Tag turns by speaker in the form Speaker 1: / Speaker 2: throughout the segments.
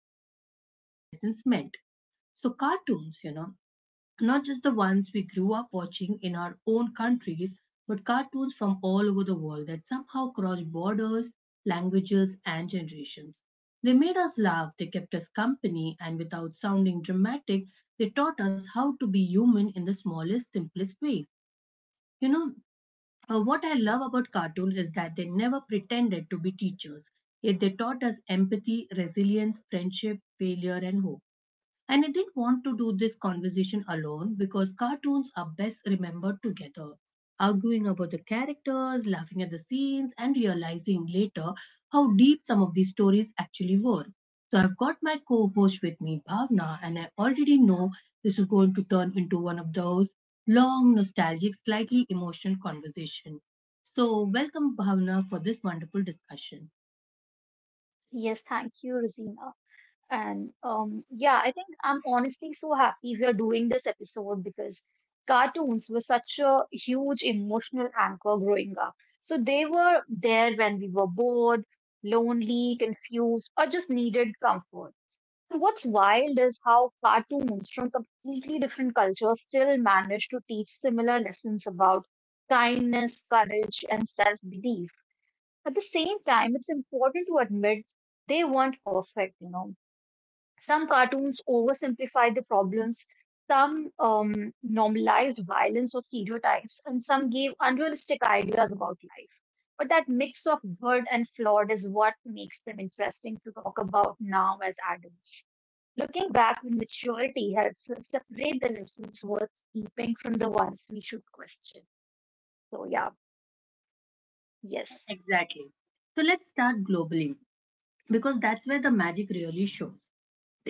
Speaker 1: lessons what life lessons meant. So cartoons, not just the ones we grew up watching in our own countries, but cartoons from all over the world that somehow crossed borders, languages, and generations. They made us laugh, they kept us company, and without sounding dramatic, they taught us how to be human in the smallest, simplest ways. You know, what I love about cartoon is that they never pretended to be teachers. Yet they taught us empathy, resilience, friendship, failure, and hope. And I didn't want to do this conversation alone because cartoons are best remembered together, arguing about the characters, laughing at the scenes, and realizing later how deep some of these stories actually were. So I've got my co host with me, Bhavna, and I already know this is going to turn into one of those long, nostalgic, slightly emotional conversation. So welcome, Bhavna, for this wonderful discussion.
Speaker 2: Yes, thank you, Rosina. And I think I'm honestly so happy we are doing this episode because cartoons were such a huge emotional anchor growing up. So they were there when we were bored, lonely, confused, or just needed comfort. And what's wild is how cartoons from completely different cultures still manage to teach similar lessons about kindness, courage, and self-belief. At the same time, it's important to admit they weren't perfect. Some cartoons oversimplified the problems, some normalized violence or stereotypes, and some gave unrealistic ideas about life. But that mix of good and flawed is what makes them interesting to talk about now as adults. Looking back with maturity helps us separate the lessons worth keeping from the ones we should question. So, yeah, yes.
Speaker 1: Exactly. So let's start globally because that's where the magic really shows.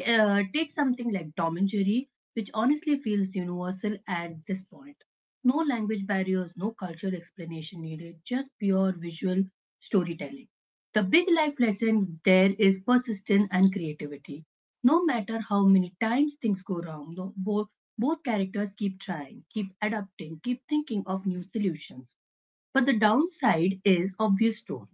Speaker 1: Take something like Tom and Jerry, which honestly feels universal at this point. No language barriers, no cultural explanation needed, just pure visual storytelling. The big life lesson there is persistence and creativity. No matter how many times things go wrong, no, both characters keep trying, keep adapting, keep thinking of new solutions. But the downside is obvious tone.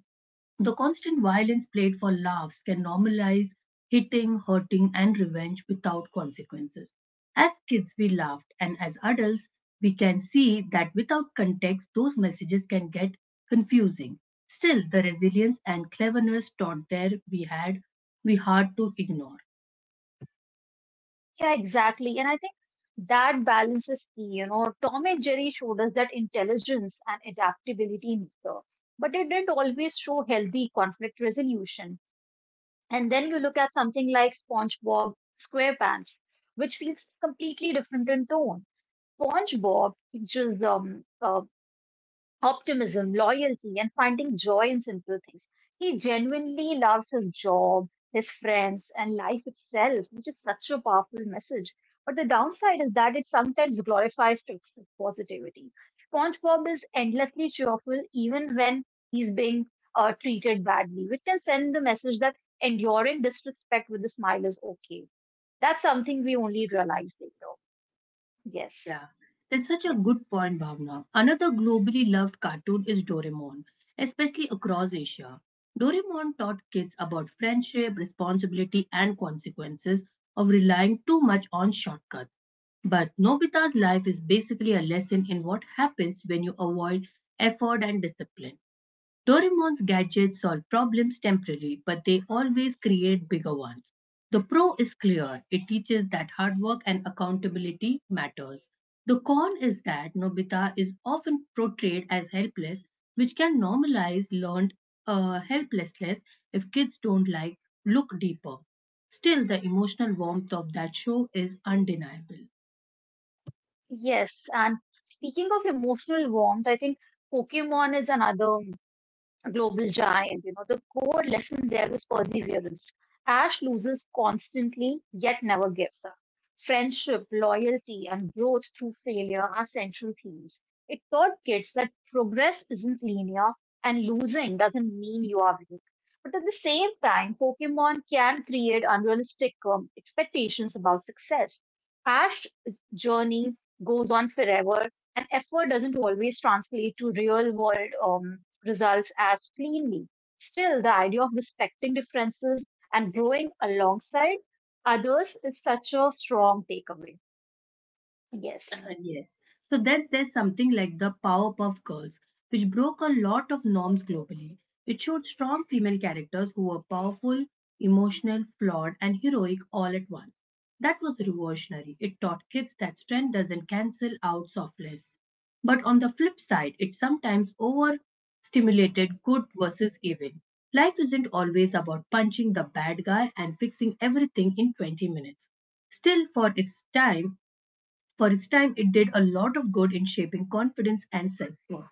Speaker 1: The constant violence played for laughs can normalize hitting, hurting, and revenge without consequences. As kids, we laughed, and as adults, we can see that without context, those messages can get confusing. Still, the resilience and cleverness taught there we had we hard to ignore.
Speaker 2: Yeah, exactly. And I think that balance is key. You know, Tom and Jerry showed us that intelligence and adaptability matter, but it didn't always show healthy conflict resolution. And then you look at something like SpongeBob SquarePants, which feels completely different in tone. SpongeBob teaches optimism, loyalty, and finding joy in simple things. He genuinely loves his job, his friends, and life itself, which is such a powerful message. But the downside is that it sometimes glorifies toxic positivity. SpongeBob is endlessly cheerful even when he's being treated badly, which can send the message that enduring disrespect with a smile is okay. That's something we only realize later. Yes.
Speaker 1: Yeah, that's such a
Speaker 2: Yes.
Speaker 1: good point, Bhavna. Another globally loved cartoon is Doraemon, especially across Asia. Doraemon taught kids about friendship, responsibility, and consequences of relying too much on shortcuts. But Nobita's life is basically a lesson in what happens when you avoid effort and discipline. Doraemon's gadgets solve problems temporarily, but they always create bigger ones. The pro is clear. It teaches that hard work and accountability matters. The con is that Nobita is often portrayed as helpless, which can normalize learned helplessness if kids don't like look deeper. Still, the emotional warmth of that show is undeniable.
Speaker 2: Yes, and speaking of emotional warmth, I think Pokemon is another global giant. You know, the core lesson there is perseverance. Ash loses constantly, yet never gives up. Friendship, loyalty, and growth through failure are central themes. It taught kids that progress isn't linear and losing doesn't mean you are weak. But at the same time, Pokemon can create unrealistic expectations about success. Ash's journey goes on forever, and effort doesn't always translate to real world results as cleanly. Still, the idea of respecting differences and growing alongside others is such a strong takeaway.
Speaker 1: Uh,
Speaker 2: Yes,
Speaker 1: yes. So then there's something like the Powerpuff Girls, which broke a lot of norms globally. It showed strong female characters who were powerful, emotional, flawed, and heroic all at once. That was revolutionary. It taught kids that strength doesn't cancel out softness. But on the flip side, it sometimes overstimulated good versus evil. Life isn't always about punching the bad guy and fixing everything in 20 minutes. Still, for its time, it did a lot of good in shaping confidence and self worth.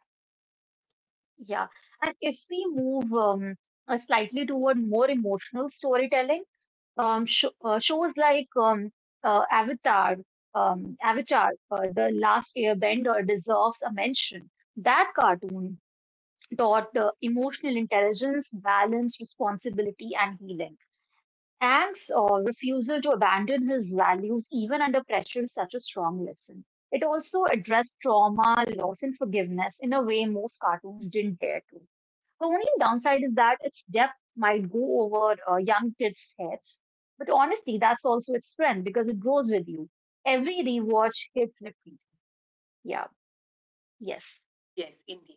Speaker 2: yeah. And if we move slightly toward more emotional storytelling, sho shows like Avatar, Avatar, The Last Airbender deserves a mention. That cartoon taught emotional intelligence, balance, responsibility, and healing. Anne's refusal to abandon his values even under pressure is such a strong lesson. It also addressed trauma, loss, and forgiveness in a way most cartoons didn't dare to. The only downside is that its depth might go over young kids' heads. But honestly, that's also its strength because it grows with you. Every rewatch hits differently. Yeah, yes.
Speaker 1: Yes, indeed.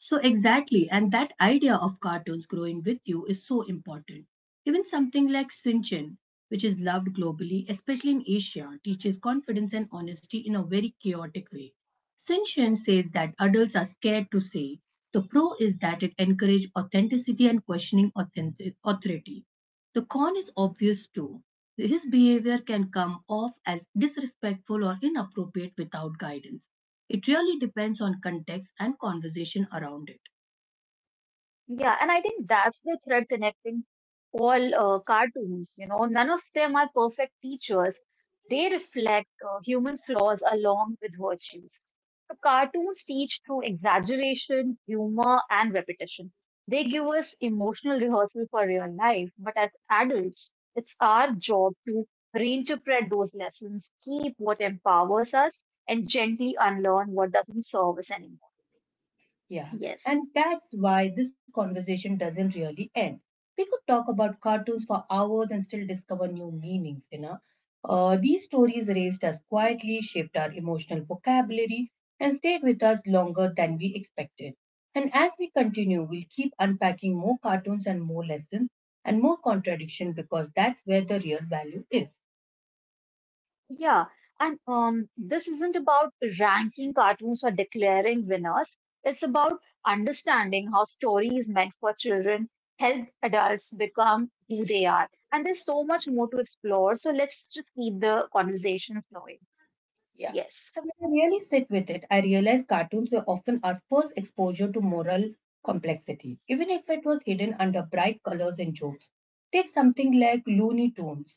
Speaker 1: So, exactly, and that idea of cartoons growing with you is so important. Even something like Sinchen, which is loved globally, especially in Asia, teaches confidence and honesty in a very chaotic way. Sinchen says that adults are scared to say. The pro is that it encourages authenticity and questioning authority. The con is obvious too. His behavior can come off as disrespectful or inappropriate without guidance. It really depends on context and conversation around it.
Speaker 2: Yeah, and I think that's the thread connecting all cartoons. You know, none of them are perfect teachers. They reflect human flaws along with virtues. So cartoons teach through exaggeration, humor, and repetition. They give us emotional rehearsal for real life, but as adults, it's our job to reinterpret those lessons, keep what empowers us, and gently unlearn what doesn't serve us anymore.
Speaker 1: Yeah,
Speaker 2: Yes.
Speaker 1: and that's why this conversation doesn't really end. We could talk about cartoons for hours and still discover new meanings, you know. These stories raised us quietly, shaped our emotional vocabulary, and stayed with us longer than we expected. And as we continue, we'll keep unpacking more cartoons and more lessons and more contradiction because that's where the real value is.
Speaker 2: Yeah, and this isn't about ranking cartoons or declaring winners. It's about understanding how stories meant for children help adults become who they are. And there's so much more to explore. So let's just keep the conversation flowing.
Speaker 1: Yeah.
Speaker 2: Yes.
Speaker 1: So when I really sit with it, I realized cartoons were often our first exposure to moral complexity, even if it was hidden under bright colors and jokes. Take something like Looney Tunes,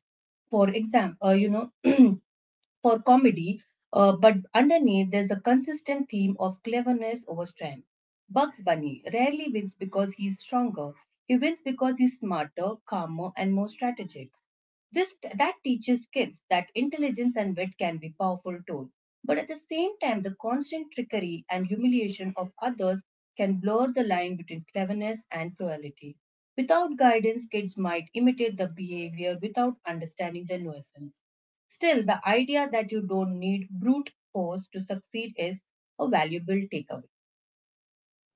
Speaker 1: for example, for comedy, but underneath there's a consistent theme of cleverness over strength. Bugs Bunny rarely wins because he's stronger. He wins because he's smarter, calmer, and more strategic. This that teaches kids that intelligence and wit can be powerful tools, but at the same time, the constant trickery and humiliation of others can blur the line between cleverness and cruelty. Without guidance, kids might imitate the behavior without understanding the nuisance. Still, the idea that you don't need brute force to succeed is a valuable takeaway.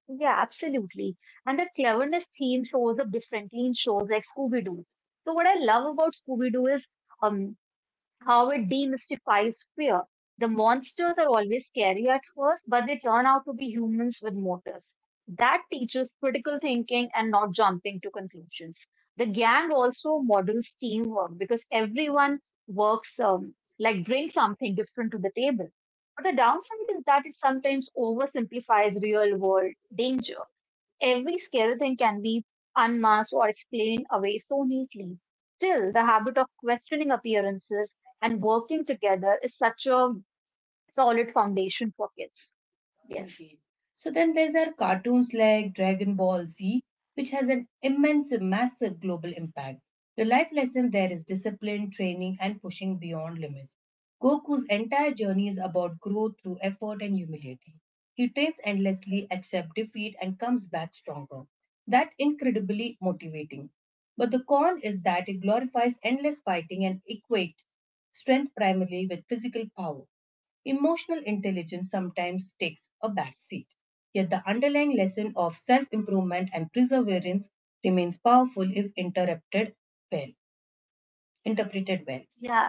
Speaker 2: Yeah, absolutely. And the cleverness theme shows up differently in shows like Scooby Doo. So what I love about Scooby Doo is um. how it demystifies fear. The monsters are always scary at first, but they turn out to be humans with motives. That teaches critical thinking and not jumping to conclusions. The gang also models teamwork because everyone works like brings something different to the table. But the downside is that it sometimes oversimplifies real world danger. Every scary thing can be unmasked or explained away so neatly. Still, the habit of questioning appearances and working together is such a solid foundation for kids. Yes.
Speaker 1: Indeed. So then there's our cartoons like Dragon Ball Z, which has an immense, massive global impact. The life lesson there is discipline, training, and pushing beyond limits. Goku's entire journey is about growth through effort and humility. He trains endlessly, accepts defeat, and comes back stronger. That incredibly motivating. But the con is that it glorifies endless fighting and equates strength primarily with physical power emotional intelligence sometimes takes a backseat. Yet the underlying lesson of self-improvement and perseverance remains powerful if interrupted well, interpreted well.
Speaker 2: Yeah.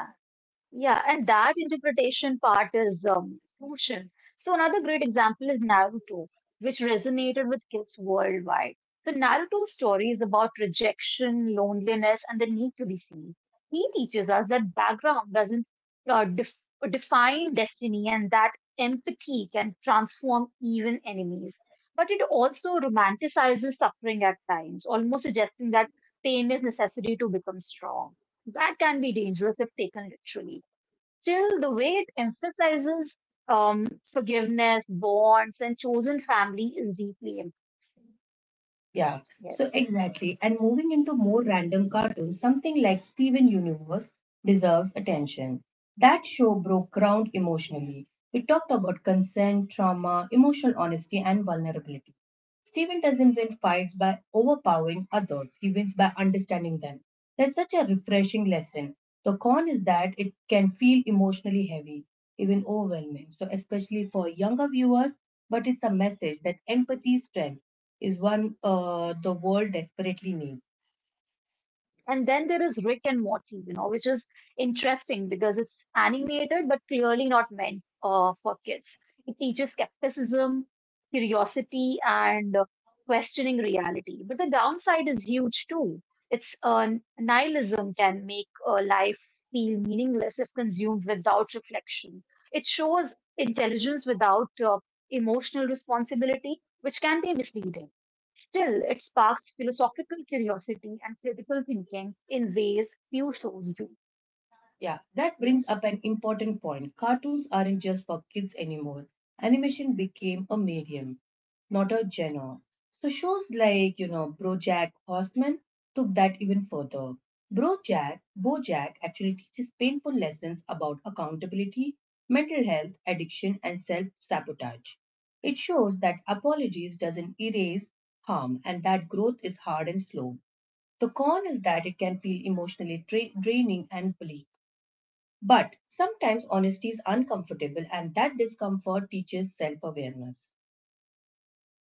Speaker 2: Yeah, and that interpretation part is crucial. So another great example is Naruto, which resonated with kids worldwide. The Naruto story is about rejection, loneliness, and the need to be seen. He teaches us that background doesn't uh, def- define destiny and that empathy can transform even enemies. But it also romanticizes suffering at times, almost suggesting that pain is necessary to become strong. That can be dangerous if taken literally. Still, the way it emphasizes forgiveness, bonds, and chosen family is deeply important.
Speaker 1: Yeah. So
Speaker 2: Yes.
Speaker 1: exactly. And moving into more random cartoons, something like Steven Universe deserves attention. That show broke ground emotionally. We talked about consent, trauma, emotional honesty, and vulnerability. Stephen doesn't win fights by overpowering others, he wins by understanding them. That's such a refreshing lesson. The con is that it can feel emotionally heavy, even overwhelming, so especially for younger viewers, but it's a message that empathy strength is one the world desperately needs.
Speaker 2: And then there is Rick and Morty, you know, which is interesting because it's animated but clearly not meant for kids. It teaches skepticism, curiosity, and questioning reality. But the downside is huge too. It's nihilism can make life feel meaningless if consumed without reflection. It shows intelligence without emotional responsibility, which can be misleading. Still, it sparks philosophical curiosity and critical thinking in ways few shows do.
Speaker 1: Yeah, that brings
Speaker 2: Yes.
Speaker 1: up an important point. Cartoons aren't just for kids anymore. Animation became a medium, not a genre. So shows like, you know, BoJack Horseman took that even further. BoJack actually teaches painful lessons about accountability, mental health, addiction, and self-sabotage. It shows that apologies doesn't erase harm and that growth is hard and slow. The con is that it can feel emotionally draining and bleak. But sometimes honesty is uncomfortable, and that discomfort teaches self awareness.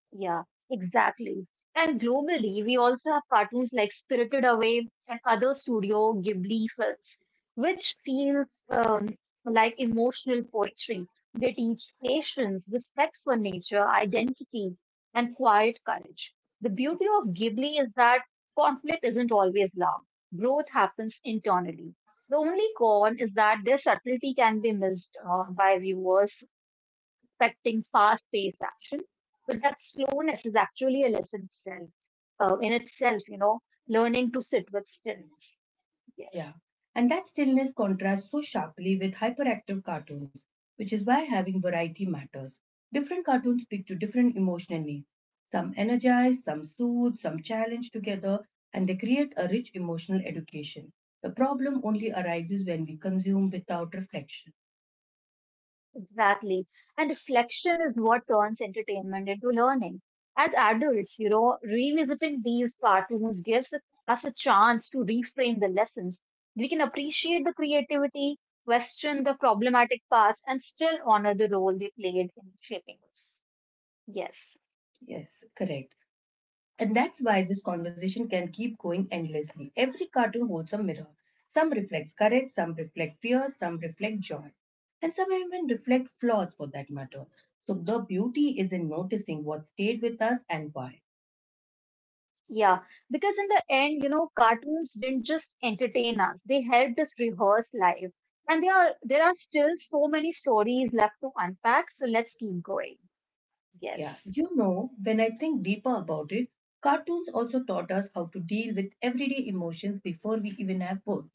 Speaker 2: Yeah, exactly. And globally, we also have cartoons like Spirited Away and other Studio Ghibli films, which feels like emotional poetry. They teach patience, respect for nature, identity, and quiet courage. The beauty of Ghibli is that conflict isn't always loud. Growth happens internally. The only con is that their subtlety can be missed by viewers expecting fast-paced action but that slowness is actually a lesson itself, in itself, you know, learning to sit with stillness. Yes,
Speaker 1: Yeah. And that stillness contrasts so sharply with hyperactive cartoons, which is why having variety matters. Different cartoons speak to different emotional needs. Some energize, some soothe, some challenge together, and they create a rich emotional education. The problem only arises when we consume without reflection.
Speaker 2: exactly. And reflection is what turns entertainment into learning. As adults, you know, revisiting these cartoons gives us a chance to reframe the lessons. We can appreciate the creativity, question the problematic parts, and still honor the role they played in shaping us. Yes.
Speaker 1: Yes, correct. And that's why this conversation can keep going endlessly. Every cartoon holds a mirror. Some reflects courage, some reflect fear, some reflect joy, and some even reflect flaws for that matter. So the beauty is in noticing what stayed with us and why.
Speaker 2: Yeah, because in the end, you know, cartoons didn't just entertain us, they helped us rehearse life. And there are still so many stories left to unpack, so let's keep going. Yes.
Speaker 1: Yeah, you know, when I think deeper about it, cartoons also taught us how to deal with everyday emotions before we even have words.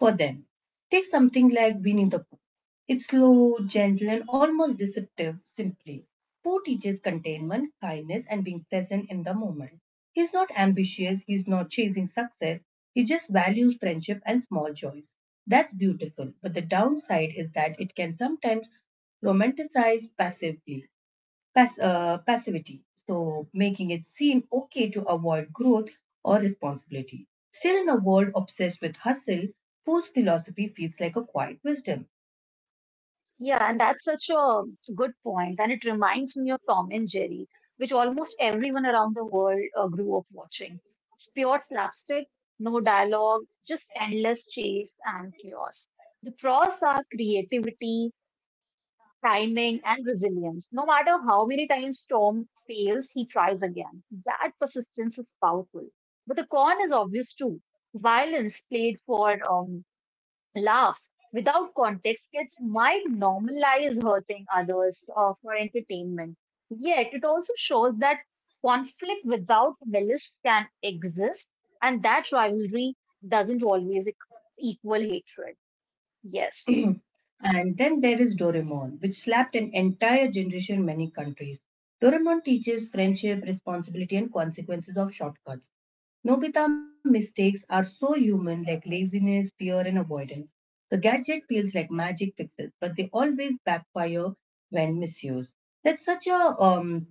Speaker 1: For them. Take something like Winnie the Pooh. It's slow, gentle, and almost deceptive, simply. Pooh teaches containment, kindness, and being present in the moment. He's not ambitious, he's not chasing success, he just values friendship and small joys. That's beautiful, but the downside is that it can sometimes romanticize passively passivity, so making it seem okay to avoid growth or responsibility. Still, in a world obsessed with hustle, Poe's philosophy feels like a quiet wisdom.
Speaker 2: Yeah, and that's such a good point, and it reminds me of Tom and Jerry, which almost everyone around the world grew up watching. It's pure slapstick, no dialogue, just endless chase and chaos. The pros are creativity, timing, and resilience. No matter how many times Tom fails, he tries again. That persistence is powerful. But the con is obvious too. Violence played for laughs. Without context, kids might normalize hurting others for entertainment. Yet, it also shows that conflict without malice can exist, and that rivalry doesn't always equal hatred. Yes.
Speaker 1: and then there is Doraemon, which slapped an entire generation in many countries. Doraemon teaches friendship, responsibility, and consequences of shortcuts. Nobita mistakes are so human like laziness, fear, and avoidance. The gadget feels like magic fixes, but they always backfire when misused. That's such a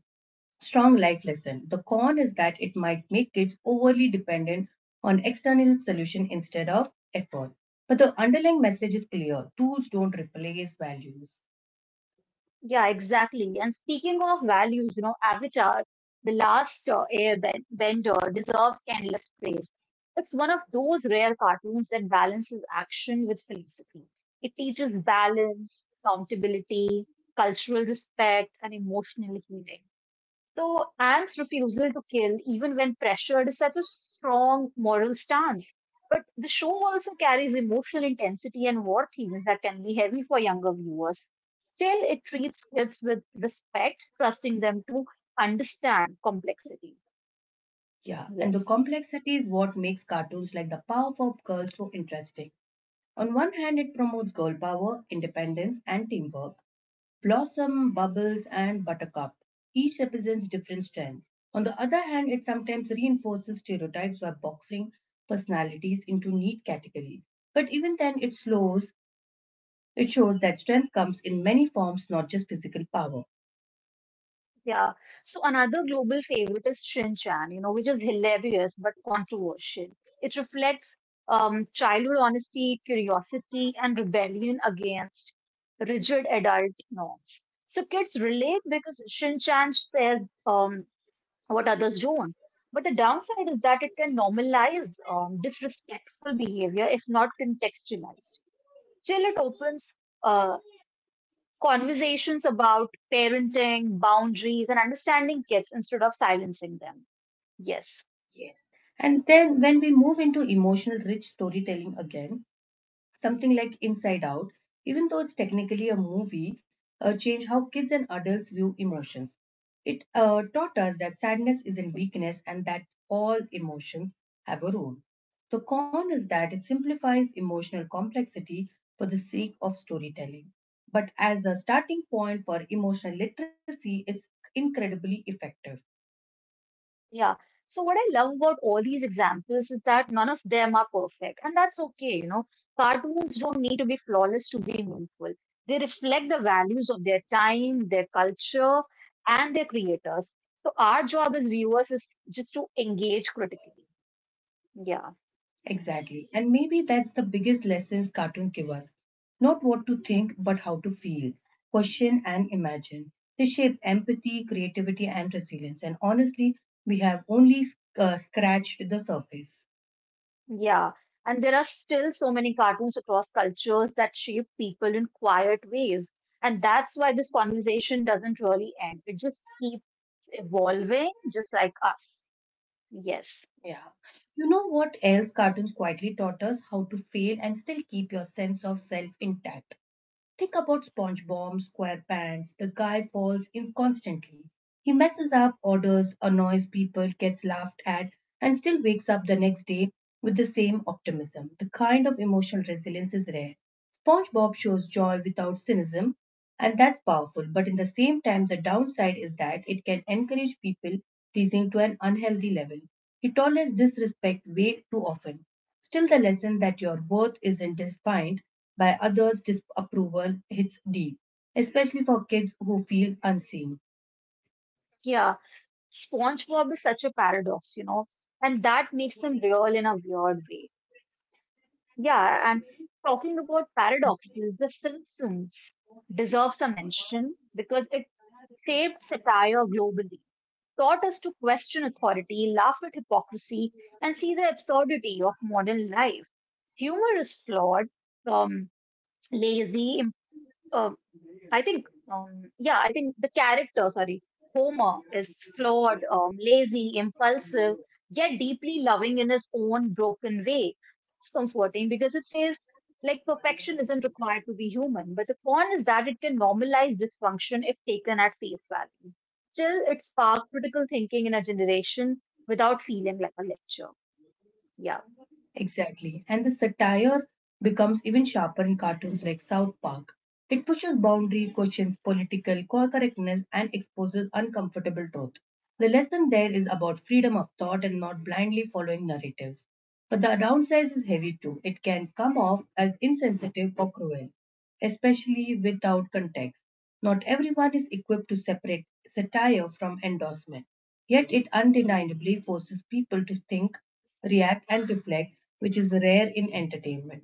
Speaker 1: strong life lesson. The con is that it might make kids overly dependent on external solution instead of effort. But the underlying message is clear. Tools don't replace values.
Speaker 2: Yeah, exactly. And speaking of values, you know, Avatar, the last airbender, deserves endless praise. It's one of those rare cartoons that balances action with philosophy. It teaches balance, accountability, cultural respect, and emotional healing. So Anne's refusal to kill, even when pressured, is such a strong moral stance. But the show also carries emotional intensity and war themes that can be heavy for younger viewers. Still, it treats kids with respect, trusting them to understand complexity.
Speaker 1: Yeah, and the
Speaker 2: Yes.
Speaker 1: complexity is what makes cartoons like The Powerpuff Girls so interesting. On one hand, it promotes girl power, independence, and teamwork. Blossom, Bubbles, and Buttercup each represents different strengths. On the other hand, it sometimes reinforces stereotypes by boxing personalities into neat categories. But even then, it slows. It shows that strength comes in many forms, not just physical power.
Speaker 2: Yeah. So another global favorite is Shin Chan, you know, which is hilarious but controversial. It reflects childhood honesty, curiosity, and rebellion against rigid adult norms. So kids relate because Shin Chan says um, what others don't. But the downside is that it can normalize disrespectful behavior if not contextualized. Till it opens uh. conversations about parenting, boundaries, and understanding kids instead of silencing them. Yes.
Speaker 1: Yes. And
Speaker 2: Yeah.
Speaker 1: then, when we move into emotional rich storytelling again, something like Inside Out, even though it's technically a movie, changed how kids and adults view emotions. It taught us that sadness isn't weakness and that all emotions have a role. The con is that it simplifies emotional complexity for the sake of storytelling. But as the starting point for emotional literacy, it's incredibly effective.
Speaker 2: Yeah. So what I love about all these examples is that none of them are perfect, and that's okay, you know. Cartoons don't need to be flawless to be meaningful. They reflect the values of their time, their culture, and their creators. So our job as viewers is just to engage critically. Yeah.
Speaker 1: Exactly. And maybe that's the biggest lessons cartoons give us. Not what to think, but how to feel, question and imagine. They shape empathy, creativity and resilience. And honestly, we have only scratched the surface.
Speaker 2: Yeah, and there are still so many cartoons across cultures that shape people in quiet ways. And that's why this conversation doesn't really end. It just keeps evolving, just like us. Yes.
Speaker 1: Yeah. You know what else cartoons quietly taught us? How to fail and still keep your sense of self intact. Think about SpongeBob SquarePants. The guy falls in constantly. He messes up, orders, annoys people, gets laughed at, and still wakes up the next day with the same optimism. The kind of emotional resilience is rare. SpongeBob shows joy without cynicism, and that's powerful. But in the same time, the downside is that it can encourage people pleasing to an unhealthy level. He tolerates disrespect way too often. Still, the lesson that your worth isn't defined by others' disapproval hits deep, especially for kids who feel unseen.
Speaker 2: Yeah. SpongeBob is such a paradox, you know, and that makes him real in a weird way. Yeah, and talking about paradoxes, The Simpsons deserves a mention because it shaped satire globally, taught us to question authority, laugh at hypocrisy, and see the absurdity of modern life. Humor is flawed, um, lazy, I think, yeah, I think the character, sorry, Homer is flawed, lazy, impulsive, yet deeply loving in his own broken way. It's comforting because it says, like, perfection isn't required to be human, but the con is that it can normalize dysfunction if taken at face value. Still, it sparked critical thinking in a generation without feeling like a lecture. Yeah.
Speaker 1: Exactly. And the satire becomes even sharper in cartoons like South Park. It pushes boundary, questions political correctness, and exposes uncomfortable truth. The lesson there is about freedom of thought and not blindly following narratives. But the downside is heavy too. It can come off as insensitive or cruel, especially without context. Not everyone is equipped to separate satire from endorsement. Yet it undeniably forces people to think react, and reflect, which is rare in entertainment.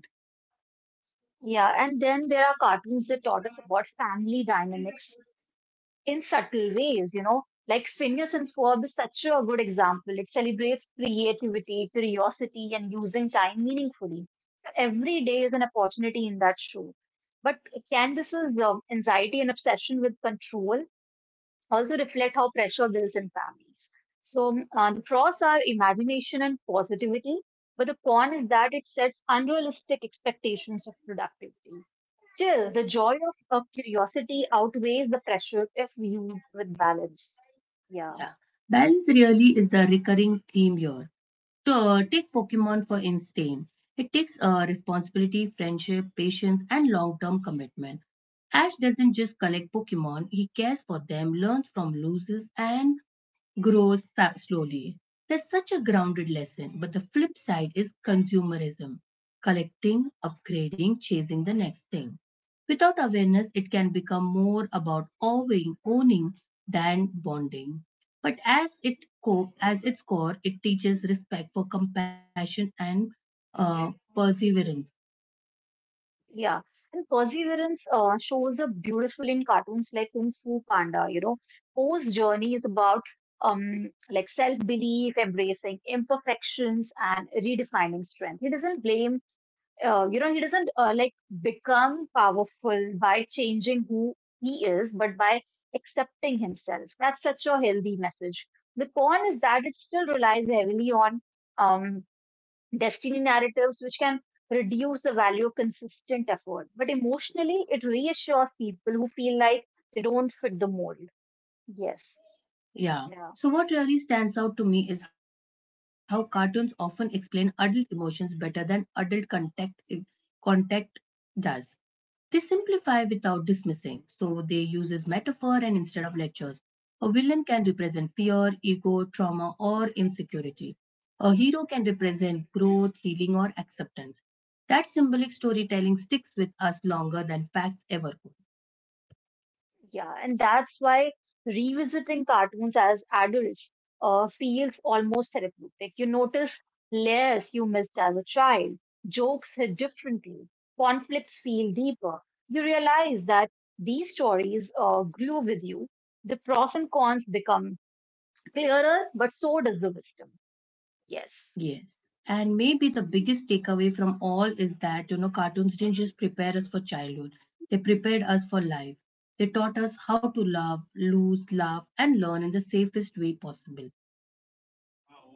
Speaker 2: Yeah. And then there are cartoons that taught us about family dynamics in subtle ways, you know, like Phineas and Ferb is such a good example. It celebrates creativity, curiosity, and using time meaningfully. So every day is an opportunity in that show. But Candace's anxiety and obsession with control also reflect how pressure builds in families. So the flaws are imagination and positivity, but the con is that it sets unrealistic expectations of productivity. Still, the joy of curiosity outweighs the pressure if viewed with balance. Yeah,
Speaker 1: Yeah. Balance really is the recurring theme here. To take Pokemon for instance, it takes responsibility, friendship, patience, and long term commitment. Ash doesn't just collect Pokemon, he cares for them, learns from losses, and grows slowly. That's such a grounded lesson, but the flip side is consumerism collecting, upgrading, chasing the next thing. Without awareness, it can become more about owning than bonding. But as its core, it teaches respect for compassion and perseverance.
Speaker 2: yeah. And perseverance shows up beautiful in cartoons like Kung Fu Panda. You know, Poe's journey is about like self belief, embracing imperfections, and redefining strength. He doesn't blame he doesn't become powerful by changing who he is, but by accepting himself. That's such a healthy message. The con is that it still relies heavily on um, destiny narratives, which can reduce the value of consistent effort. But emotionally, it reassures people who feel like they don't fit the mold. Yes.
Speaker 1: Yeah.
Speaker 2: Yeah.
Speaker 1: So, what really stands out to me is how cartoons often explain adult emotions better than adult contact does. They simplify without dismissing, so they uses metaphor and instead of lectures. A villain can represent fear, ego, trauma, or insecurity. A hero can represent growth, healing, or acceptance. That symbolic storytelling sticks with us longer than facts ever could.
Speaker 2: Yeah, and that's why revisiting cartoons as adults feels almost therapeutic. You notice layers you missed as a child, jokes hit differently, conflicts feel deeper. You realize that these stories grew with you. The pros and cons become clearer, but so does the wisdom. Yes.
Speaker 1: Yes. And maybe the biggest takeaway from all is that, you know, cartoons didn't just prepare us for childhood, they prepared us for life. They taught us how to love, lose, laugh, and learn in the safest way possible.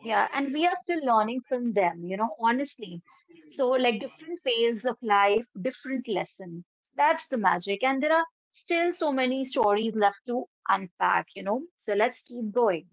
Speaker 2: Yeah, and we are still learning from them, you know, honestly. So, like different phase of life, different lesson. That's the magic. And there are still so many stories left to unpack, you know. So let's keep going.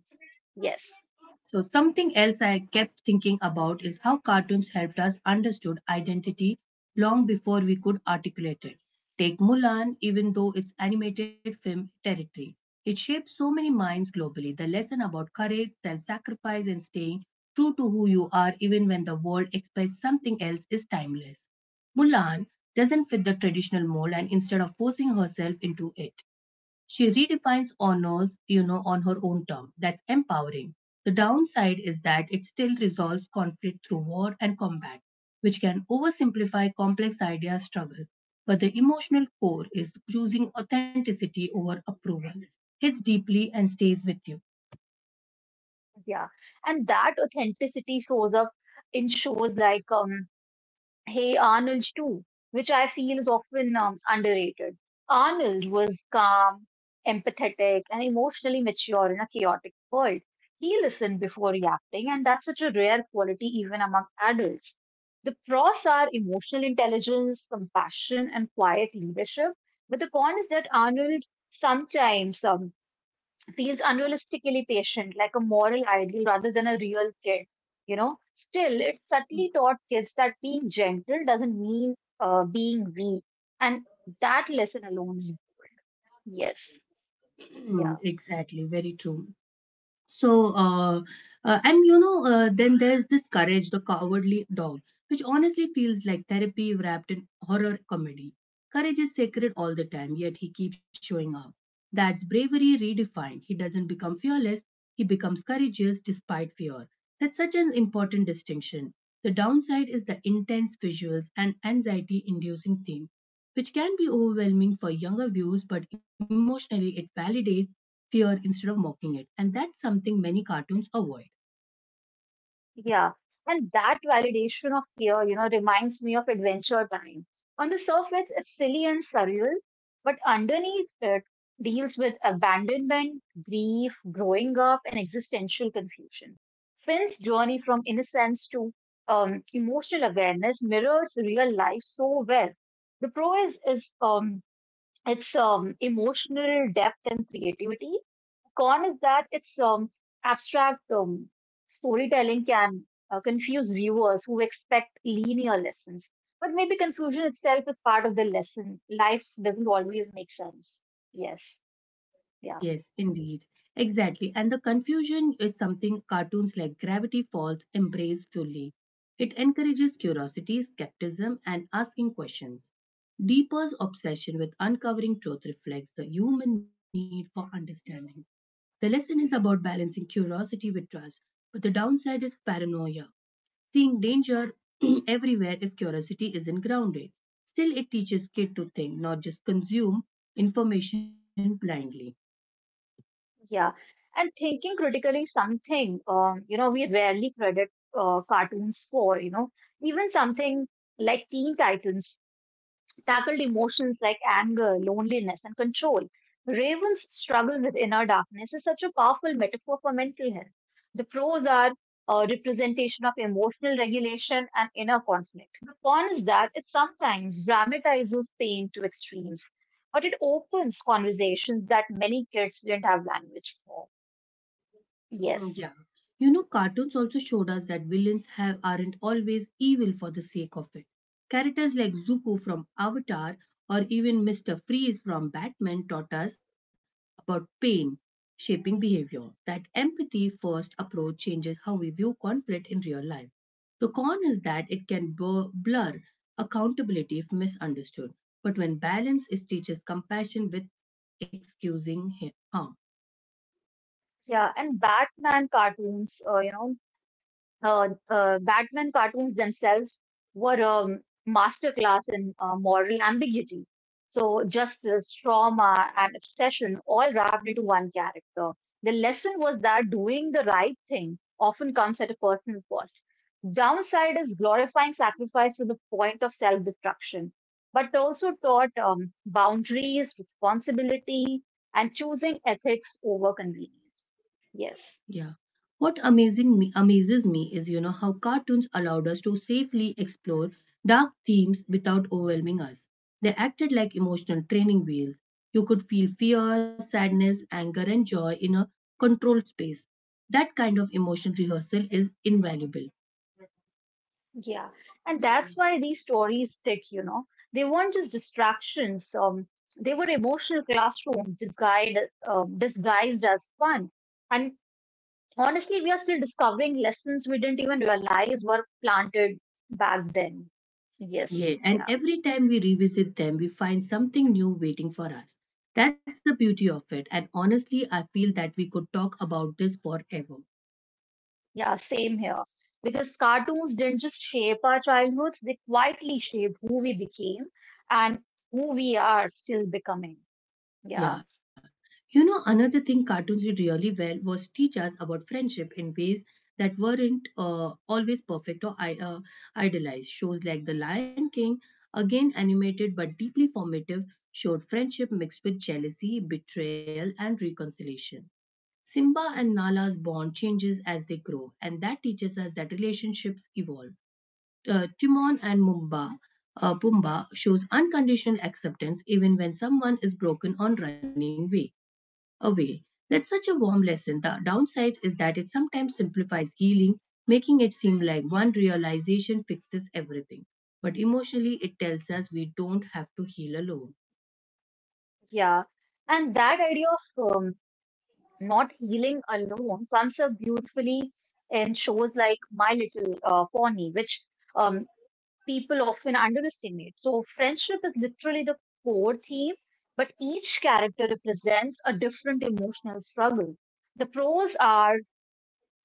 Speaker 2: Yes.
Speaker 1: So something else I kept thinking about is how cartoons helped us understood identity long before we could articulate it. Take Mulan, even though it's animated film territory. It shaped so many minds globally. The lesson about courage, self-sacrifice, and staying true to who you are even when the world expects something else is timeless. Mulan doesn't fit the traditional mold and instead of forcing herself into it, she redefines honors, you know, on her own term. That's empowering. The downside is that it still resolves conflict through war and combat, which can oversimplify complex idea struggle. But the emotional core is choosing authenticity over approval. Hits deeply and stays with
Speaker 2: Yeah. And that authenticity shows up in shows like Hey Arnold too, which I feel is often underrated. Arnold was calm, empathetic, and emotionally mature in a chaotic world. He listened before reacting, and that's such a rare quality even among adults. The pros are emotional intelligence, compassion, and quiet leadership, but the con is that Arnold sometimes feels unrealistically patient, like a moral ideal rather than a real kid. You know, still, it subtly taught kids that being gentle doesn't mean being weak, and that lesson alone is bold. Yes, yeah.
Speaker 1: you. Exactly, very true. So, and you know, then there's this courage, the cowardly dog, which honestly feels like therapy wrapped in horror comedy. Courage is sacred all the time, yet he keeps showing up. That's bravery redefined. He doesn't become fearless, he becomes courageous despite fear. That's such an important distinction. The downside is the intense visuals and anxiety inducing theme, which can be overwhelming for younger viewers, but emotionally it validates fear instead of mocking it. And that's something many cartoons avoid.
Speaker 2: Yeah, and that validation of fear, you know, reminds me of Adventure Time. On the surface, it's silly and surreal, but underneath it deals with abandonment, grief, growing up, and existential confusion. Finn's journey from innocence to emotional awareness mirrors real life so well. The prose is it's emotional depth and creativity. Con is that it's abstract storytelling can confuse viewers who expect linear lessons. But maybe confusion itself is part of the lesson. Life doesn't always make sense. Yes. Yeah.
Speaker 1: Yes, indeed. Exactly. And the confusion is something cartoons like Gravity Falls embrace fully. It encourages curiosity, skepticism, and asking questions. Deeper's obsession with uncovering truth reflects the human need for understanding. The lesson is about balancing curiosity with trust, but the downside is paranoia, seeing danger everywhere if curiosity isn't grounded. Still, it teaches kids to think, not just consume information blindly.
Speaker 2: Yeah. And thinking critically something, you know, we rarely credit cartoons for, you know, even something like Teen Titans tackled emotions like anger, loneliness, and control. Raven's struggle with inner darkness is such a powerful metaphor for mental health. The pros are a representation of emotional regulation and inner conflict. The con is that it sometimes dramatizes pain to extremes, but it opens conversations that many kids didn't have language for.
Speaker 1: Mm,
Speaker 2: Yes.
Speaker 1: yeah. You know, cartoons also showed us that villains have aren't always evil for the sake of it. Characters like Zuko from Avatar or even Mr. Freeze from Batman taught us about pain shaping behavior. That empathy first approach changes how we view conflict in real life. The con is that it can blur accountability if misunderstood, but when balance is teaches compassion with excusing harm.
Speaker 2: Yeah, and Batman cartoons, Batman cartoons themselves were a masterclass in moral ambiguity. So, justice, trauma, and obsession all wrapped into one character. The lesson was that doing the right thing often comes at a personal cost. Downside is glorifying sacrifice to the point of self destruction, but they also taught boundaries, responsibility, and choosing ethics over convenience.
Speaker 1: Yeah.
Speaker 2: Yes.
Speaker 1: What amazing me amazes me is you know how cartoons allowed us to safely explore dark themes without overwhelming us. They acted like emotional training wheels. You could feel fear, sadness, anger and joy in a controlled space. That kind of emotional rehearsal is invaluable.
Speaker 2: Yeah, and that's why these stories stick, you know. They weren't just distractions, they were emotional classrooms disguised as fun. And honestly, we are still discovering lessons we didn't even realize were planted back then. Yes,
Speaker 1: Yeah, and
Speaker 2: yeah,
Speaker 1: every time we revisit them, we find something new waiting for us. That's the beauty of it, and honestly, I feel that we could talk about this forever.
Speaker 2: yeah, same here. Because cartoons didn't just shape our childhoods, they quietly shaped who we became and who we are still becoming. Yeah,
Speaker 1: Yeah. You know, another thing cartoons did really well was teach us about friendship in ways that weren't always perfect or idealized. Shows like The Lion King, again animated but deeply formative, showed friendship mixed with jealousy, betrayal, and reconciliation. Simba and Nala's bond changes as they grow, and that teaches us that relationships evolve. Timon and Mumba Pumbaa shows unconditional acceptance even when someone is broken or running away. That's such a warm lesson. The downside is that it sometimes simplifies healing, making it seem like one realization fixes everything. But emotionally, it tells us we don't have to heal alone.
Speaker 2: yeah. And that idea of not healing alone comes up beautifully in shows like My Little Pony, which um, people often underestimate. So, friendship is literally the core theme, but each character represents a different emotional struggle. The pros are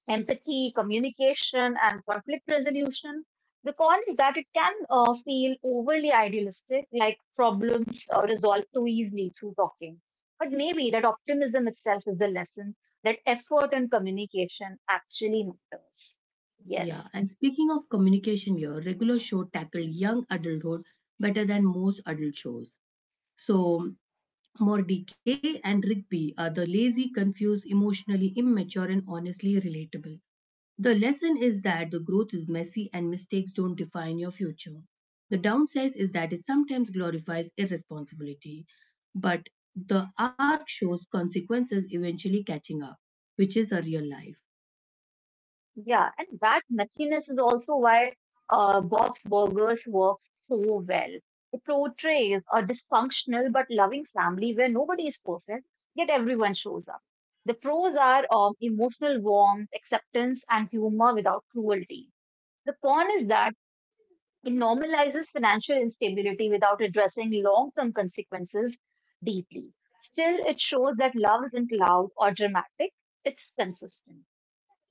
Speaker 2: empathy, communication, and conflict resolution because that it can feel overly idealistic, like problems are resolved too easily through talking. But maybe that optimism itself is the lesson that effort and communication actually matters. Yes.
Speaker 1: Yeah, and speaking of communication here, regular show tackled young adulthood better than most adult shows. So, Mordecai and Rigby are the lazy, confused, emotionally immature, and honestly relatable. The lesson is that the growth is messy and mistakes don't define your future. The downside is that it sometimes glorifies irresponsibility, but the arc shows consequences eventually catching up, which is a real life.
Speaker 2: Yeah, and that messiness is also why Bob's Burgers works so well. It portrays a dysfunctional but loving family where nobody is perfect, yet everyone shows up. The pros are emotional warmth, acceptance, and humor without cruelty. The con is that it normalizes financial instability without addressing long-term consequences deeply. Still, it shows that love isn't loud or dramatic, it's consistent.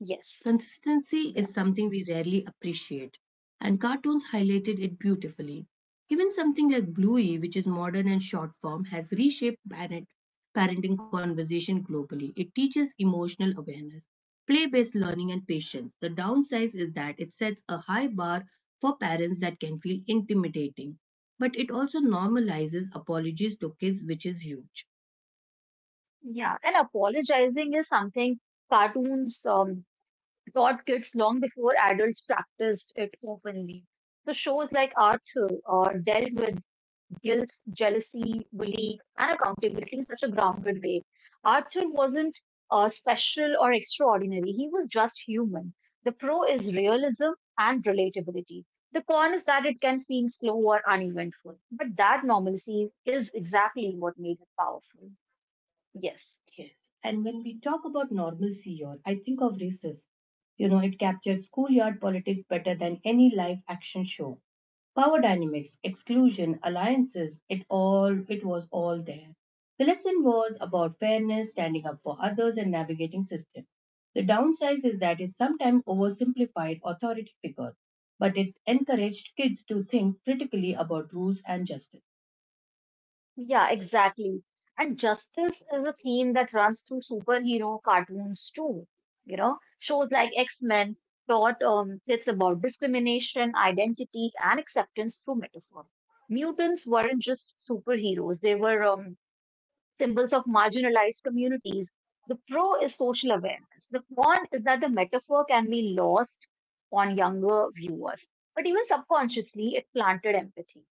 Speaker 2: Yes,
Speaker 1: Consistency is
Speaker 2: yeah.
Speaker 1: something we rarely appreciate, and cartoons highlighted it beautifully. Even something like Bluey, which is modern and short form, has reshaped parenting conversation globally. It teaches emotional awareness, play based learning, and patience. The downside is that it sets a high bar for parents that can feel intimidating, but it also normalizes apologies to kids, which is huge.
Speaker 2: Yeah, and apologizing is something cartoons taught kids long before adults practiced it openly. The shows like Arthur dealt with guilt, jealousy, bullying, and accountability in such a grounded way. Arthur wasn't special or extraordinary. He was just human. The pro is realism and relatability. The con is that it can feel slow or uneventful. But that normalcy is exactly what made it powerful. Yes.
Speaker 1: Yes. And when we talk about normalcy here, I think of races. You know, it captured schoolyard politics better than any live action show. Power dynamics, exclusion, alliances, it was all there. The lesson was about fairness, standing up for others and navigating system. The downside is that it sometimes oversimplified authority figures, but it encouraged kids to think critically about rules and justice.
Speaker 2: Yeah, exactly. And justice is a theme that runs through superhero cartoons too. You know, shows like X-Men taught kids about discrimination, identity, and acceptance through metaphor. Mutants weren't just superheroes; they were symbols of marginalized communities. The pro is social awareness. The con is that the metaphor can be lost on younger viewers, but even subconsciously, it planted empathy.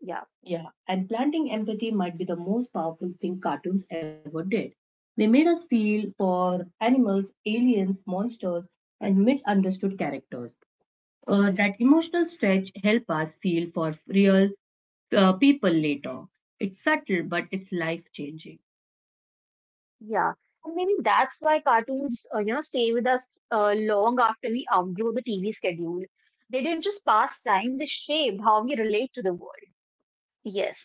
Speaker 2: Yeah.
Speaker 1: Yeah, and planting empathy might be the most powerful thing cartoons ever did. They made us feel for animals, aliens, monsters, and misunderstood characters. That emotional stretch help us feel for real people later. It's subtle, but it's life changing.
Speaker 2: Yeah, and maybe that's why cartoons, you know, stay with us long after we outgrow the TV schedule. They didn't just pass time; they shaped how we relate to the world. Yes,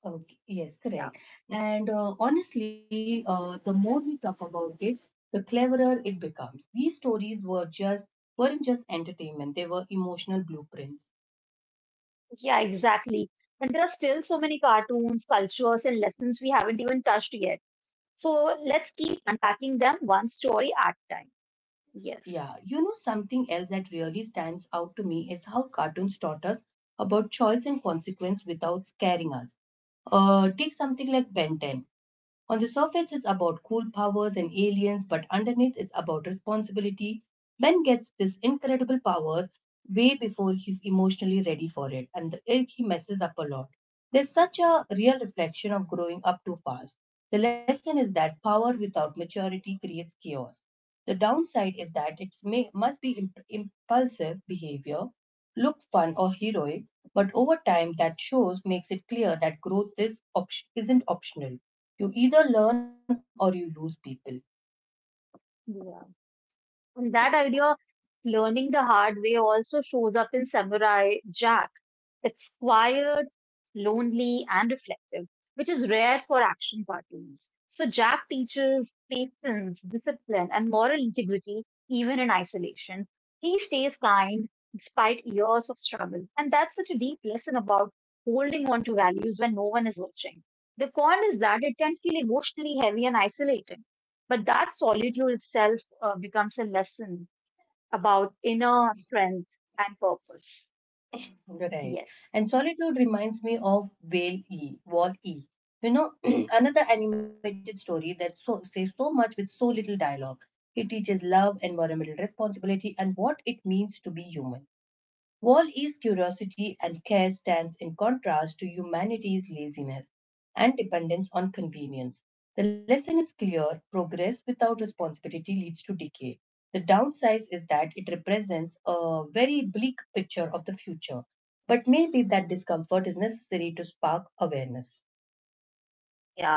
Speaker 1: Okay, yes,
Speaker 2: yeah,
Speaker 1: correct. And honestly, the more we talk about this, the cleverer it becomes. These stories weren't just entertainment; they were emotional blueprints.
Speaker 2: yeah, exactly. And there are still so many cartoons, cultures, and lessons we haven't even touched yet. So let's keep unpacking them one story at a time. Yes.
Speaker 1: Yeah, you know something else that really stands out to me is how cartoons taught us about choice and consequence without scaring us. Take something like Ben 10. On the surface, it's about cool powers and aliens, but underneath, it's about responsibility. Ben gets this incredible power way before he's emotionally ready for it, and the irk he messes up a lot. There's such a real reflection of growing up too fast. The lesson is that power without maturity creates chaos. The downside is that it may, must be impulsive behavior, look fun or heroic, but over time that shows makes it clear that growth isn't optional. You either learn or you lose people.
Speaker 2: Yeah. And that idea of learning the hard way also shows up in Samurai Jack. It's quiet, lonely, and reflective, which is rare for action cartoons. So Jack teaches patience, discipline, and moral integrity even in isolation. He stays kind despite years of struggle. And that's such a deep lesson about holding on to values when no one is watching. The con is that it can feel emotionally heavy and isolating, but that solitude itself becomes a lesson about inner strength and purpose.
Speaker 1: Right.
Speaker 2: Yes.
Speaker 1: And Solitude reminds me of Wall E. You know, another animated story that says so much with so little dialogue. It teaches love, environmental responsibility, and what it means to be human. Wall-E's curiosity and care stands in contrast to humanity's laziness and dependence on convenience. The lesson is clear progress without responsibility leads to decay. The downside is that it represents a very bleak picture of the future, but maybe that discomfort is necessary to spark awareness.
Speaker 2: Yeah.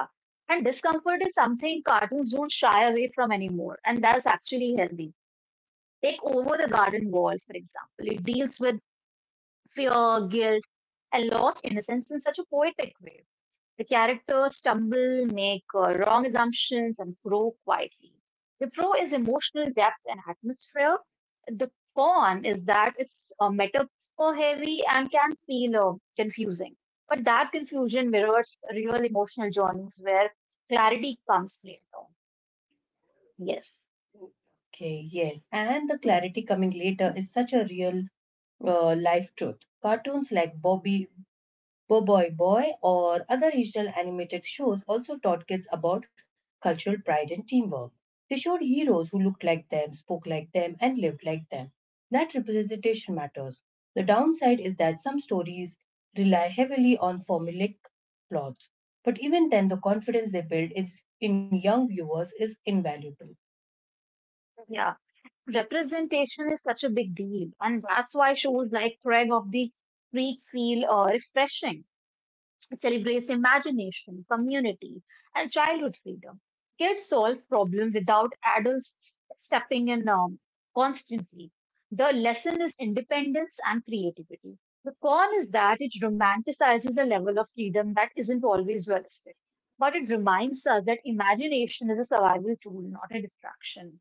Speaker 2: And discomfort is something cartoons don't shy away from anymore, and that's actually healthy. Take over the garden wall, for example. It deals with fear, guilt, and lost innocence in such a poetic way. The characters stumble, make wrong assumptions, and grow quietly. The pro is emotional depth and atmosphere. The con is that it's metaphor heavy and can feel confusing. But that confusion mirrors real emotional journeys where clarity comes later. Yes.
Speaker 1: Okay, yes. And the clarity coming later is such a real life truth. Cartoons like Bobby Bo Boy Boy, or other regional animated shows also taught kids about cultural pride and teamwork. They showed heroes who looked like them, spoke like them, and lived like them. That representation matters. The downside is that some stories rely heavily on formulaic plots, but even then, the confidence they build in young viewers is invaluable.
Speaker 2: Yeah. Representation is such a big deal, and that's why shows like Craig of the Creek feel refreshing. It celebrates imagination, community, and childhood freedom. Kids solve problems without adults stepping in constantly. The lesson is independence and creativity. The con is that it romanticizes a level of freedom that isn't always realistic. But it reminds us that imagination is a survival tool, not a distraction.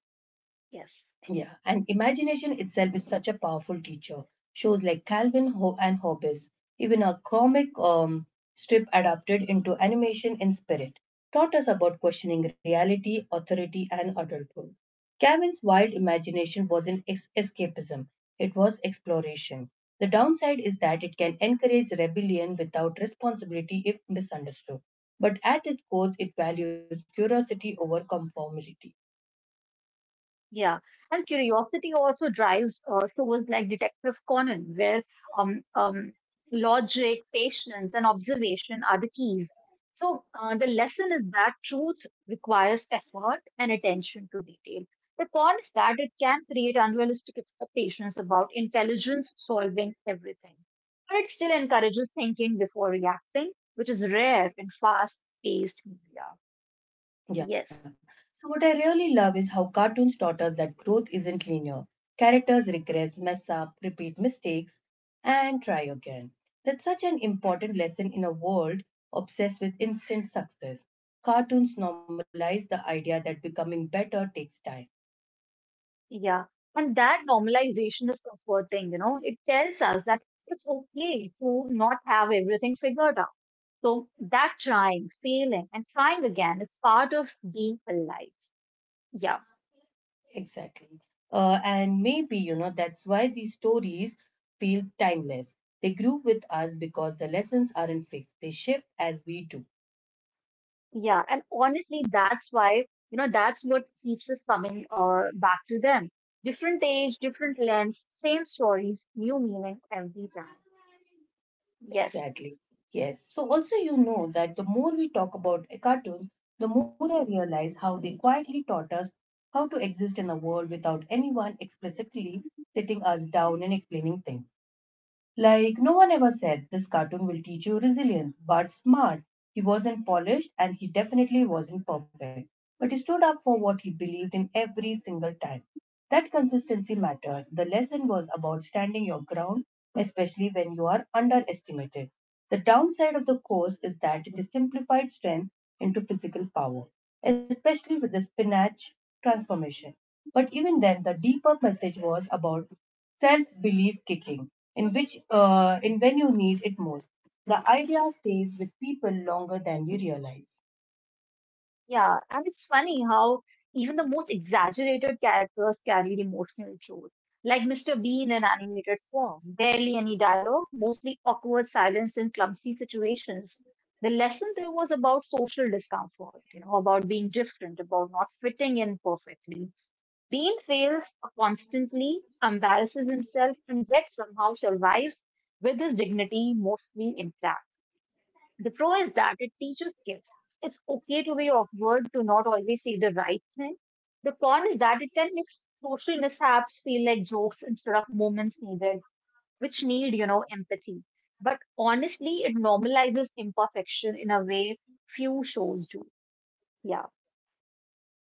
Speaker 2: Yes.
Speaker 1: Yeah, and imagination itself is such a powerful teacher. Shows like Calvin and Hobbes, even a comic strip adapted into animation in spirit, taught us about questioning reality, authority, and adulthood. Calvin's wild imagination wasn't escapism, it was exploration. The downside is that it can encourage rebellion without responsibility if misunderstood. But at its core, it values curiosity over conformity.
Speaker 2: Yeah, and curiosity also drives shows like Detective Conan, where um, um, logic, patience, and observation are the keys. So the lesson is that truth requires effort and attention to detail. The con is that it can create unrealistic expectations about intelligence solving everything, but it still encourages thinking before reacting, which is rare in fast-paced media.
Speaker 1: Yeah.
Speaker 2: Yes.
Speaker 1: So what I really love is how cartoons taught us that growth isn't linear. Characters regress, mess up, repeat mistakes, and try again. That's such an important lesson in a world obsessed with instant success. Cartoons normalize the idea that becoming better takes time.
Speaker 2: Yeah, and that normalization is comforting, you know. It tells us that it's okay to not have everything figured out. So that trying, failing, and trying again is part of being alive. Yeah,
Speaker 1: Exactly. And maybe, you know, that's why these stories feel timeless. They grew with us because the lessons aren't fixed, they shift as we do.
Speaker 2: yeah. And honestly, that's why, you know, that's what keeps us coming back to them. Different age, different lens, same stories, new meaning every time. Yes.
Speaker 1: Exactly. Yes. So also, you know, that the more we talk about a cartoons, the more I realize how they quietly taught us how to exist in a world without anyone explicitly sitting us down and explaining things. Like no one ever said this cartoon will teach you resilience, but smart. He wasn't polished and he definitely wasn't perfect, but he stood up for what he believed in every single time. That consistency mattered. The lesson was about standing your ground, especially when you are underestimated. The downside of the course is that it simplified strength into physical power, especially with the spinach transformation. But even then, the deeper message was about self-belief kicking in which in when you need it most. The idea stays with people longer than you realize.
Speaker 2: Yeah, and it's funny how even the most exaggerated characters carried emotional truth. Like Mr. B in an animated form, barely any dialogue, mostly awkward silence in clumsy situations. The lesson there was about social discomfort, you know, about being different, about not fitting in perfectly. Bean fails constantly, embarrasses himself, and yet somehow survives with his dignity mostly intact. The pro is that it teaches gifts. It's okay to be awkward, to not always say the right thing. The con is that it can make social mishaps feel like jokes instead of moments needed, which need, you know, empathy. But honestly, it normalizes imperfection in a way few shows do. Yeah.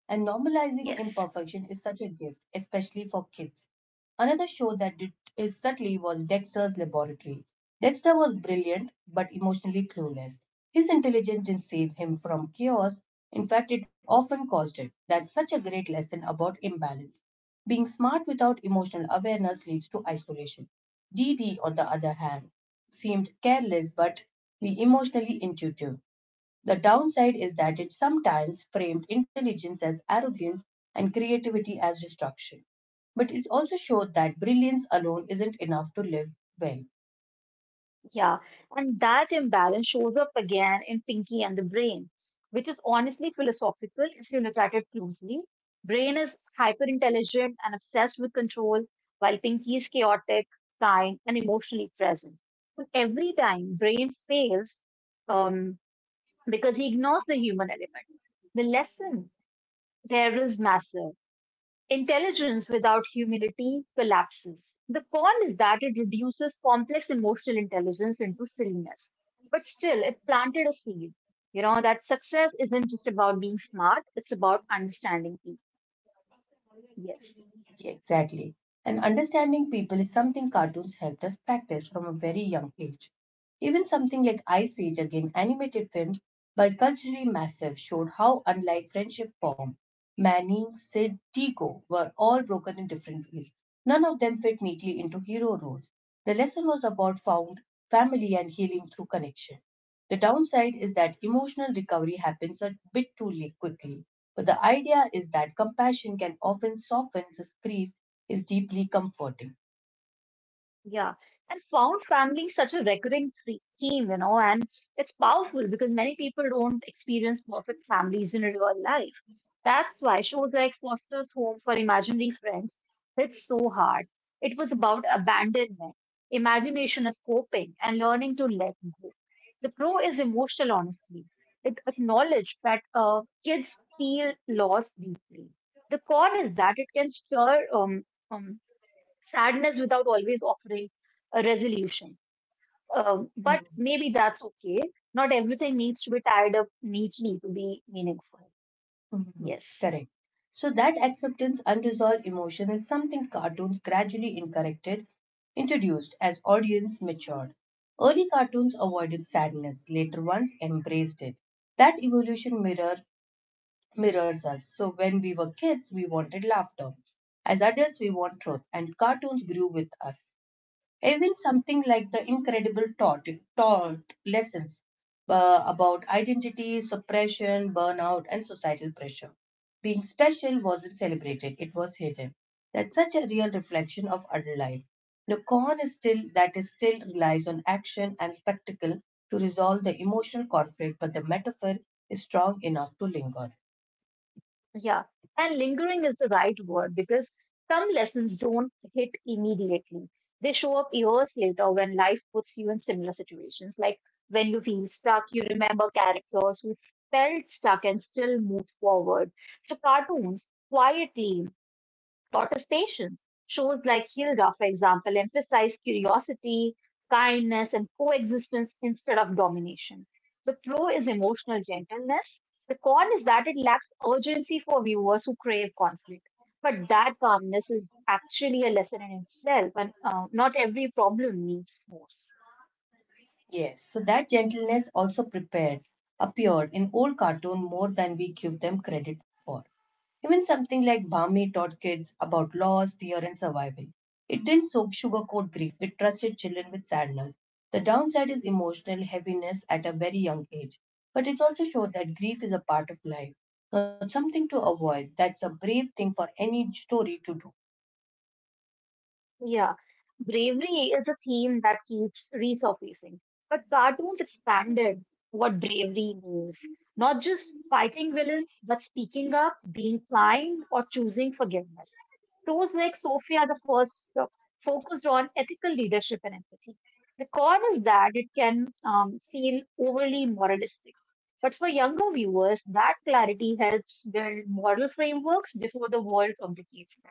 Speaker 1: And normalizing
Speaker 2: Yes.
Speaker 1: imperfection is such a gift, especially for kids. Another show that did is subtly was Dexter's Laboratory. Dexter was brilliant but emotionally clueless. His intelligence didn't save him from chaos. In fact, it often caused it. That's such a great lesson about imbalance. Being smart without emotional awareness leads to isolation. DD, on the other hand, seemed careless but be emotionally intuitive. The downside is that it sometimes framed intelligence as arrogance and creativity as destruction. But it also showed that brilliance alone isn't enough to live well.
Speaker 2: Yeah, and that imbalance shows up again in Pinky and the Brain, which is honestly philosophical if you look at it closely. Brain is hyper intelligent and obsessed with control, while Pinky is chaotic, kind, and emotionally present. But every time Brain fails, um, because he ignores the human element, the lesson there is massive. Intelligence without humility collapses. The con is that it reduces complex emotional intelligence into silliness. But still, it planted a seed. You know, that success isn't just about being smart, it's about understanding people. Yes.
Speaker 1: Exactly. And understanding people is something cartoons helped us practice from a very young age. Even something like Ice Age, again animated films, but culturally massive, showed how unlike friendship formed. Manny, Sid, Tico were all broken in different ways. None of them fit neatly into hero roles. The lesson was about found family and healing through connection. The downside is that emotional recovery happens a bit too late quickly. But the idea is that compassion can often soften this grief is deeply comforting.
Speaker 2: Yeah, and found family is such a recurring theme, you know, and it's powerful because many people don't experience perfect families in real life. That's why shows like Foster's Home for Imaginary Friends hit so hard. It was about abandonment, imagination as coping, and learning to let go. The pro is emotional honesty. It acknowledged that kids feel lost deeply. The con is that it can stir um, sadness without always offering a resolution. But
Speaker 1: Mhm.
Speaker 2: maybe that's okay. Not everything needs to be tied up neatly to be meaningful.
Speaker 1: Mhm.
Speaker 2: Yes.
Speaker 1: Correct. So that acceptance unresolved emotion is something cartoons gradually incorrected, introduced as audience matured. Early cartoons avoided sadness, later ones embraced it. That evolution mirrors us. So when we were kids, we wanted laughter. As adults, we want truth, and cartoons grew with us. Even something like The Incredible Thought, it taught lessons about identity, suppression, burnout, and societal pressure. Being special wasn't celebrated, it was hidden. That's such a real reflection of adult life. The con is still that is still relies on action and spectacle to resolve the emotional conflict, but the metaphor is strong enough to linger.
Speaker 2: Yeah. And lingering is the right word because some lessons don't hit immediately. They show up years later when life puts you in similar situations. Like when you feel stuck, you remember characters who felt stuck and still moved forward. So cartoons quietly protestations. Shows like Hilda, for example, emphasize curiosity, kindness, and coexistence instead of domination. The pro is emotional gentleness. The con is that it lacks urgency for viewers who crave conflict. But that calmness is actually a lesson in itself, and not every problem needs force.
Speaker 1: Yes, so that gentleness also prepared appeared in old cartoon more than we give them credit for. Even something like Bhami taught kids about loss, fear, and survival. It didn't soak sugarcoat grief, it trusted children with sadness. The downside is emotional heaviness at a very young age. But it also showed that grief is a part of life, not something to avoid. That's a brave thing for any story to do.
Speaker 2: Yeah, bravery is a theme that keeps resurfacing. But cartoons expanded what bravery means. Not just fighting villains, but speaking up, being kind, or choosing forgiveness. Shows like Sophia the First focused on ethical leadership and empathy. The con is that it can feel overly moralistic. But for younger viewers, that clarity helps build moral frameworks before the world complicates them.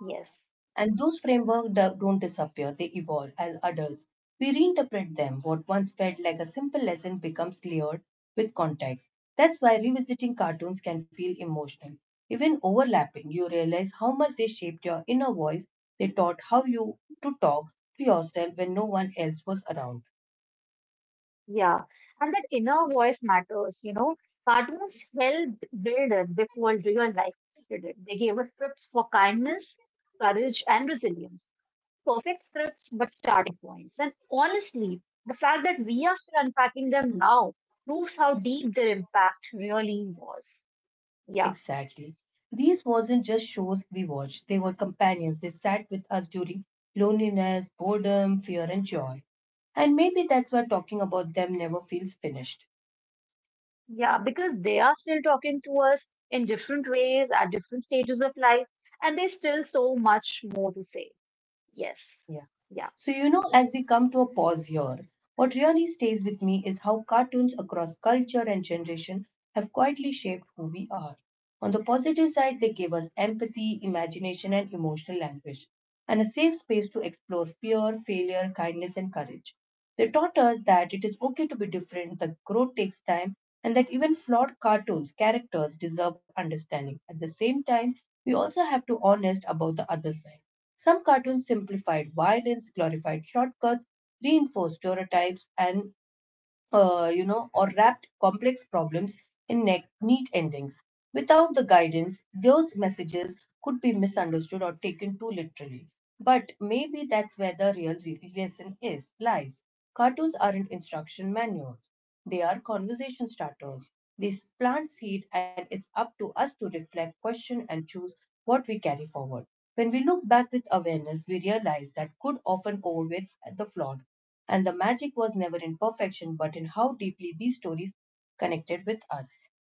Speaker 2: Yes.
Speaker 1: And those frameworks don't disappear, they evolve as adults. We reinterpret them. What once felt like a simple lesson becomes layered with context. That's why revisiting cartoons can feel emotional. Even overlapping, you realize how much they shaped your inner voice. They taught how you to talk to yourself when no one else was around.
Speaker 2: Yeah, and that inner voice matters, you know. Cartoons helped build it before real life did it. They gave us scripts for kindness, courage, and resilience. Perfect scripts, but starting points. And honestly, the fact that we are still unpacking them now proves how deep their impact really was. Yeah,
Speaker 1: Exactly. These wasn't just shows we watched, they were companions. They sat with us during loneliness, boredom, fear, and joy. And maybe that's why talking about them never feels finished.
Speaker 2: yeah, because they are still talking to us in different ways at different stages of life, and there's still so much more to say. Yes,
Speaker 1: Yeah.
Speaker 2: yeah.
Speaker 1: So, you know, as we come to a pause here, what really stays with me is how cartoons across culture and generation have quietly shaped who we are. On the positive side, they give us empathy, imagination, and emotional language, and a safe space to explore fear, failure, kindness, and courage. They taught us that it is okay to be different, that growth takes time, and that even flawed cartoons, characters deserve understanding. At the same time, we also have to be honest about the other side, some cartoons simplified violence, glorified shortcuts, reinforced stereotypes, and you know, or wrapped complex problems in neat endings. Without the guidance, those messages could be misunderstood or taken too literally. But maybe that's where the real lesson is lies. Cartoons aren't instruction manuals; they are conversation starters. They plant seed, and it's up to us to reflect, question, and choose what we carry forward. When we look back with awareness, we realize that good often overweights the flawed and the magic was never in perfection, but in how deeply these stories connected with us.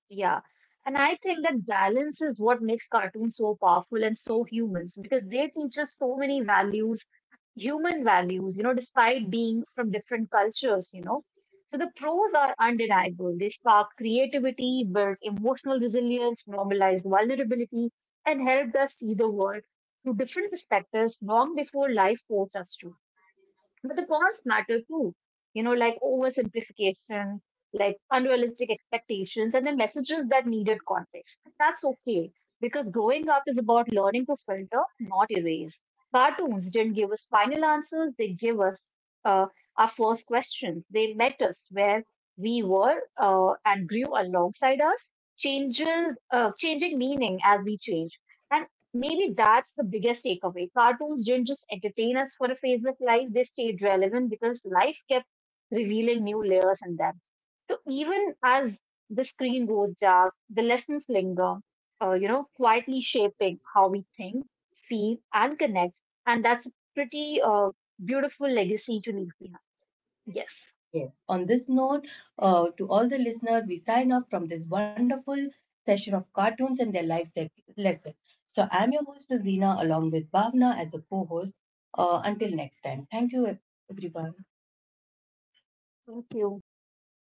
Speaker 2: Yeah. And I think that balance is what makes cartoons so powerful and so humans because they teach us so many values, human values, you know, despite being from different cultures, you know. So the pros are undeniable. They spark creativity, build emotional resilience, normalize vulnerability, and helped us see the world through different perspectives long before life forced us to. But the cons matter too, you know, like oversimplification, like unrealistic expectations, and the messages that needed context. And that's okay because growing up is about learning to filter, not erase. Cartoons didn't give us final answers, they gave us uh, our first questions. They met us where we were and grew alongside us, changing meaning as we change. And maybe that's the biggest takeaway. Cartoons didn't just entertain us for a phase of life, they stayed relevant because life kept revealing new layers in them. So even as the screen goes dark, the lessons linger, you know, quietly shaping how we think, feel, and connect. And that's a pretty beautiful legacy to leave behind. Yes.
Speaker 1: Yes. On this note, to all the listeners, we sign off from this wonderful session of cartoons and their life lesson. So I'm your host, Rosina, along with Bhavna as a co-host. Until next time, thank you, everyone.
Speaker 2: Thank you.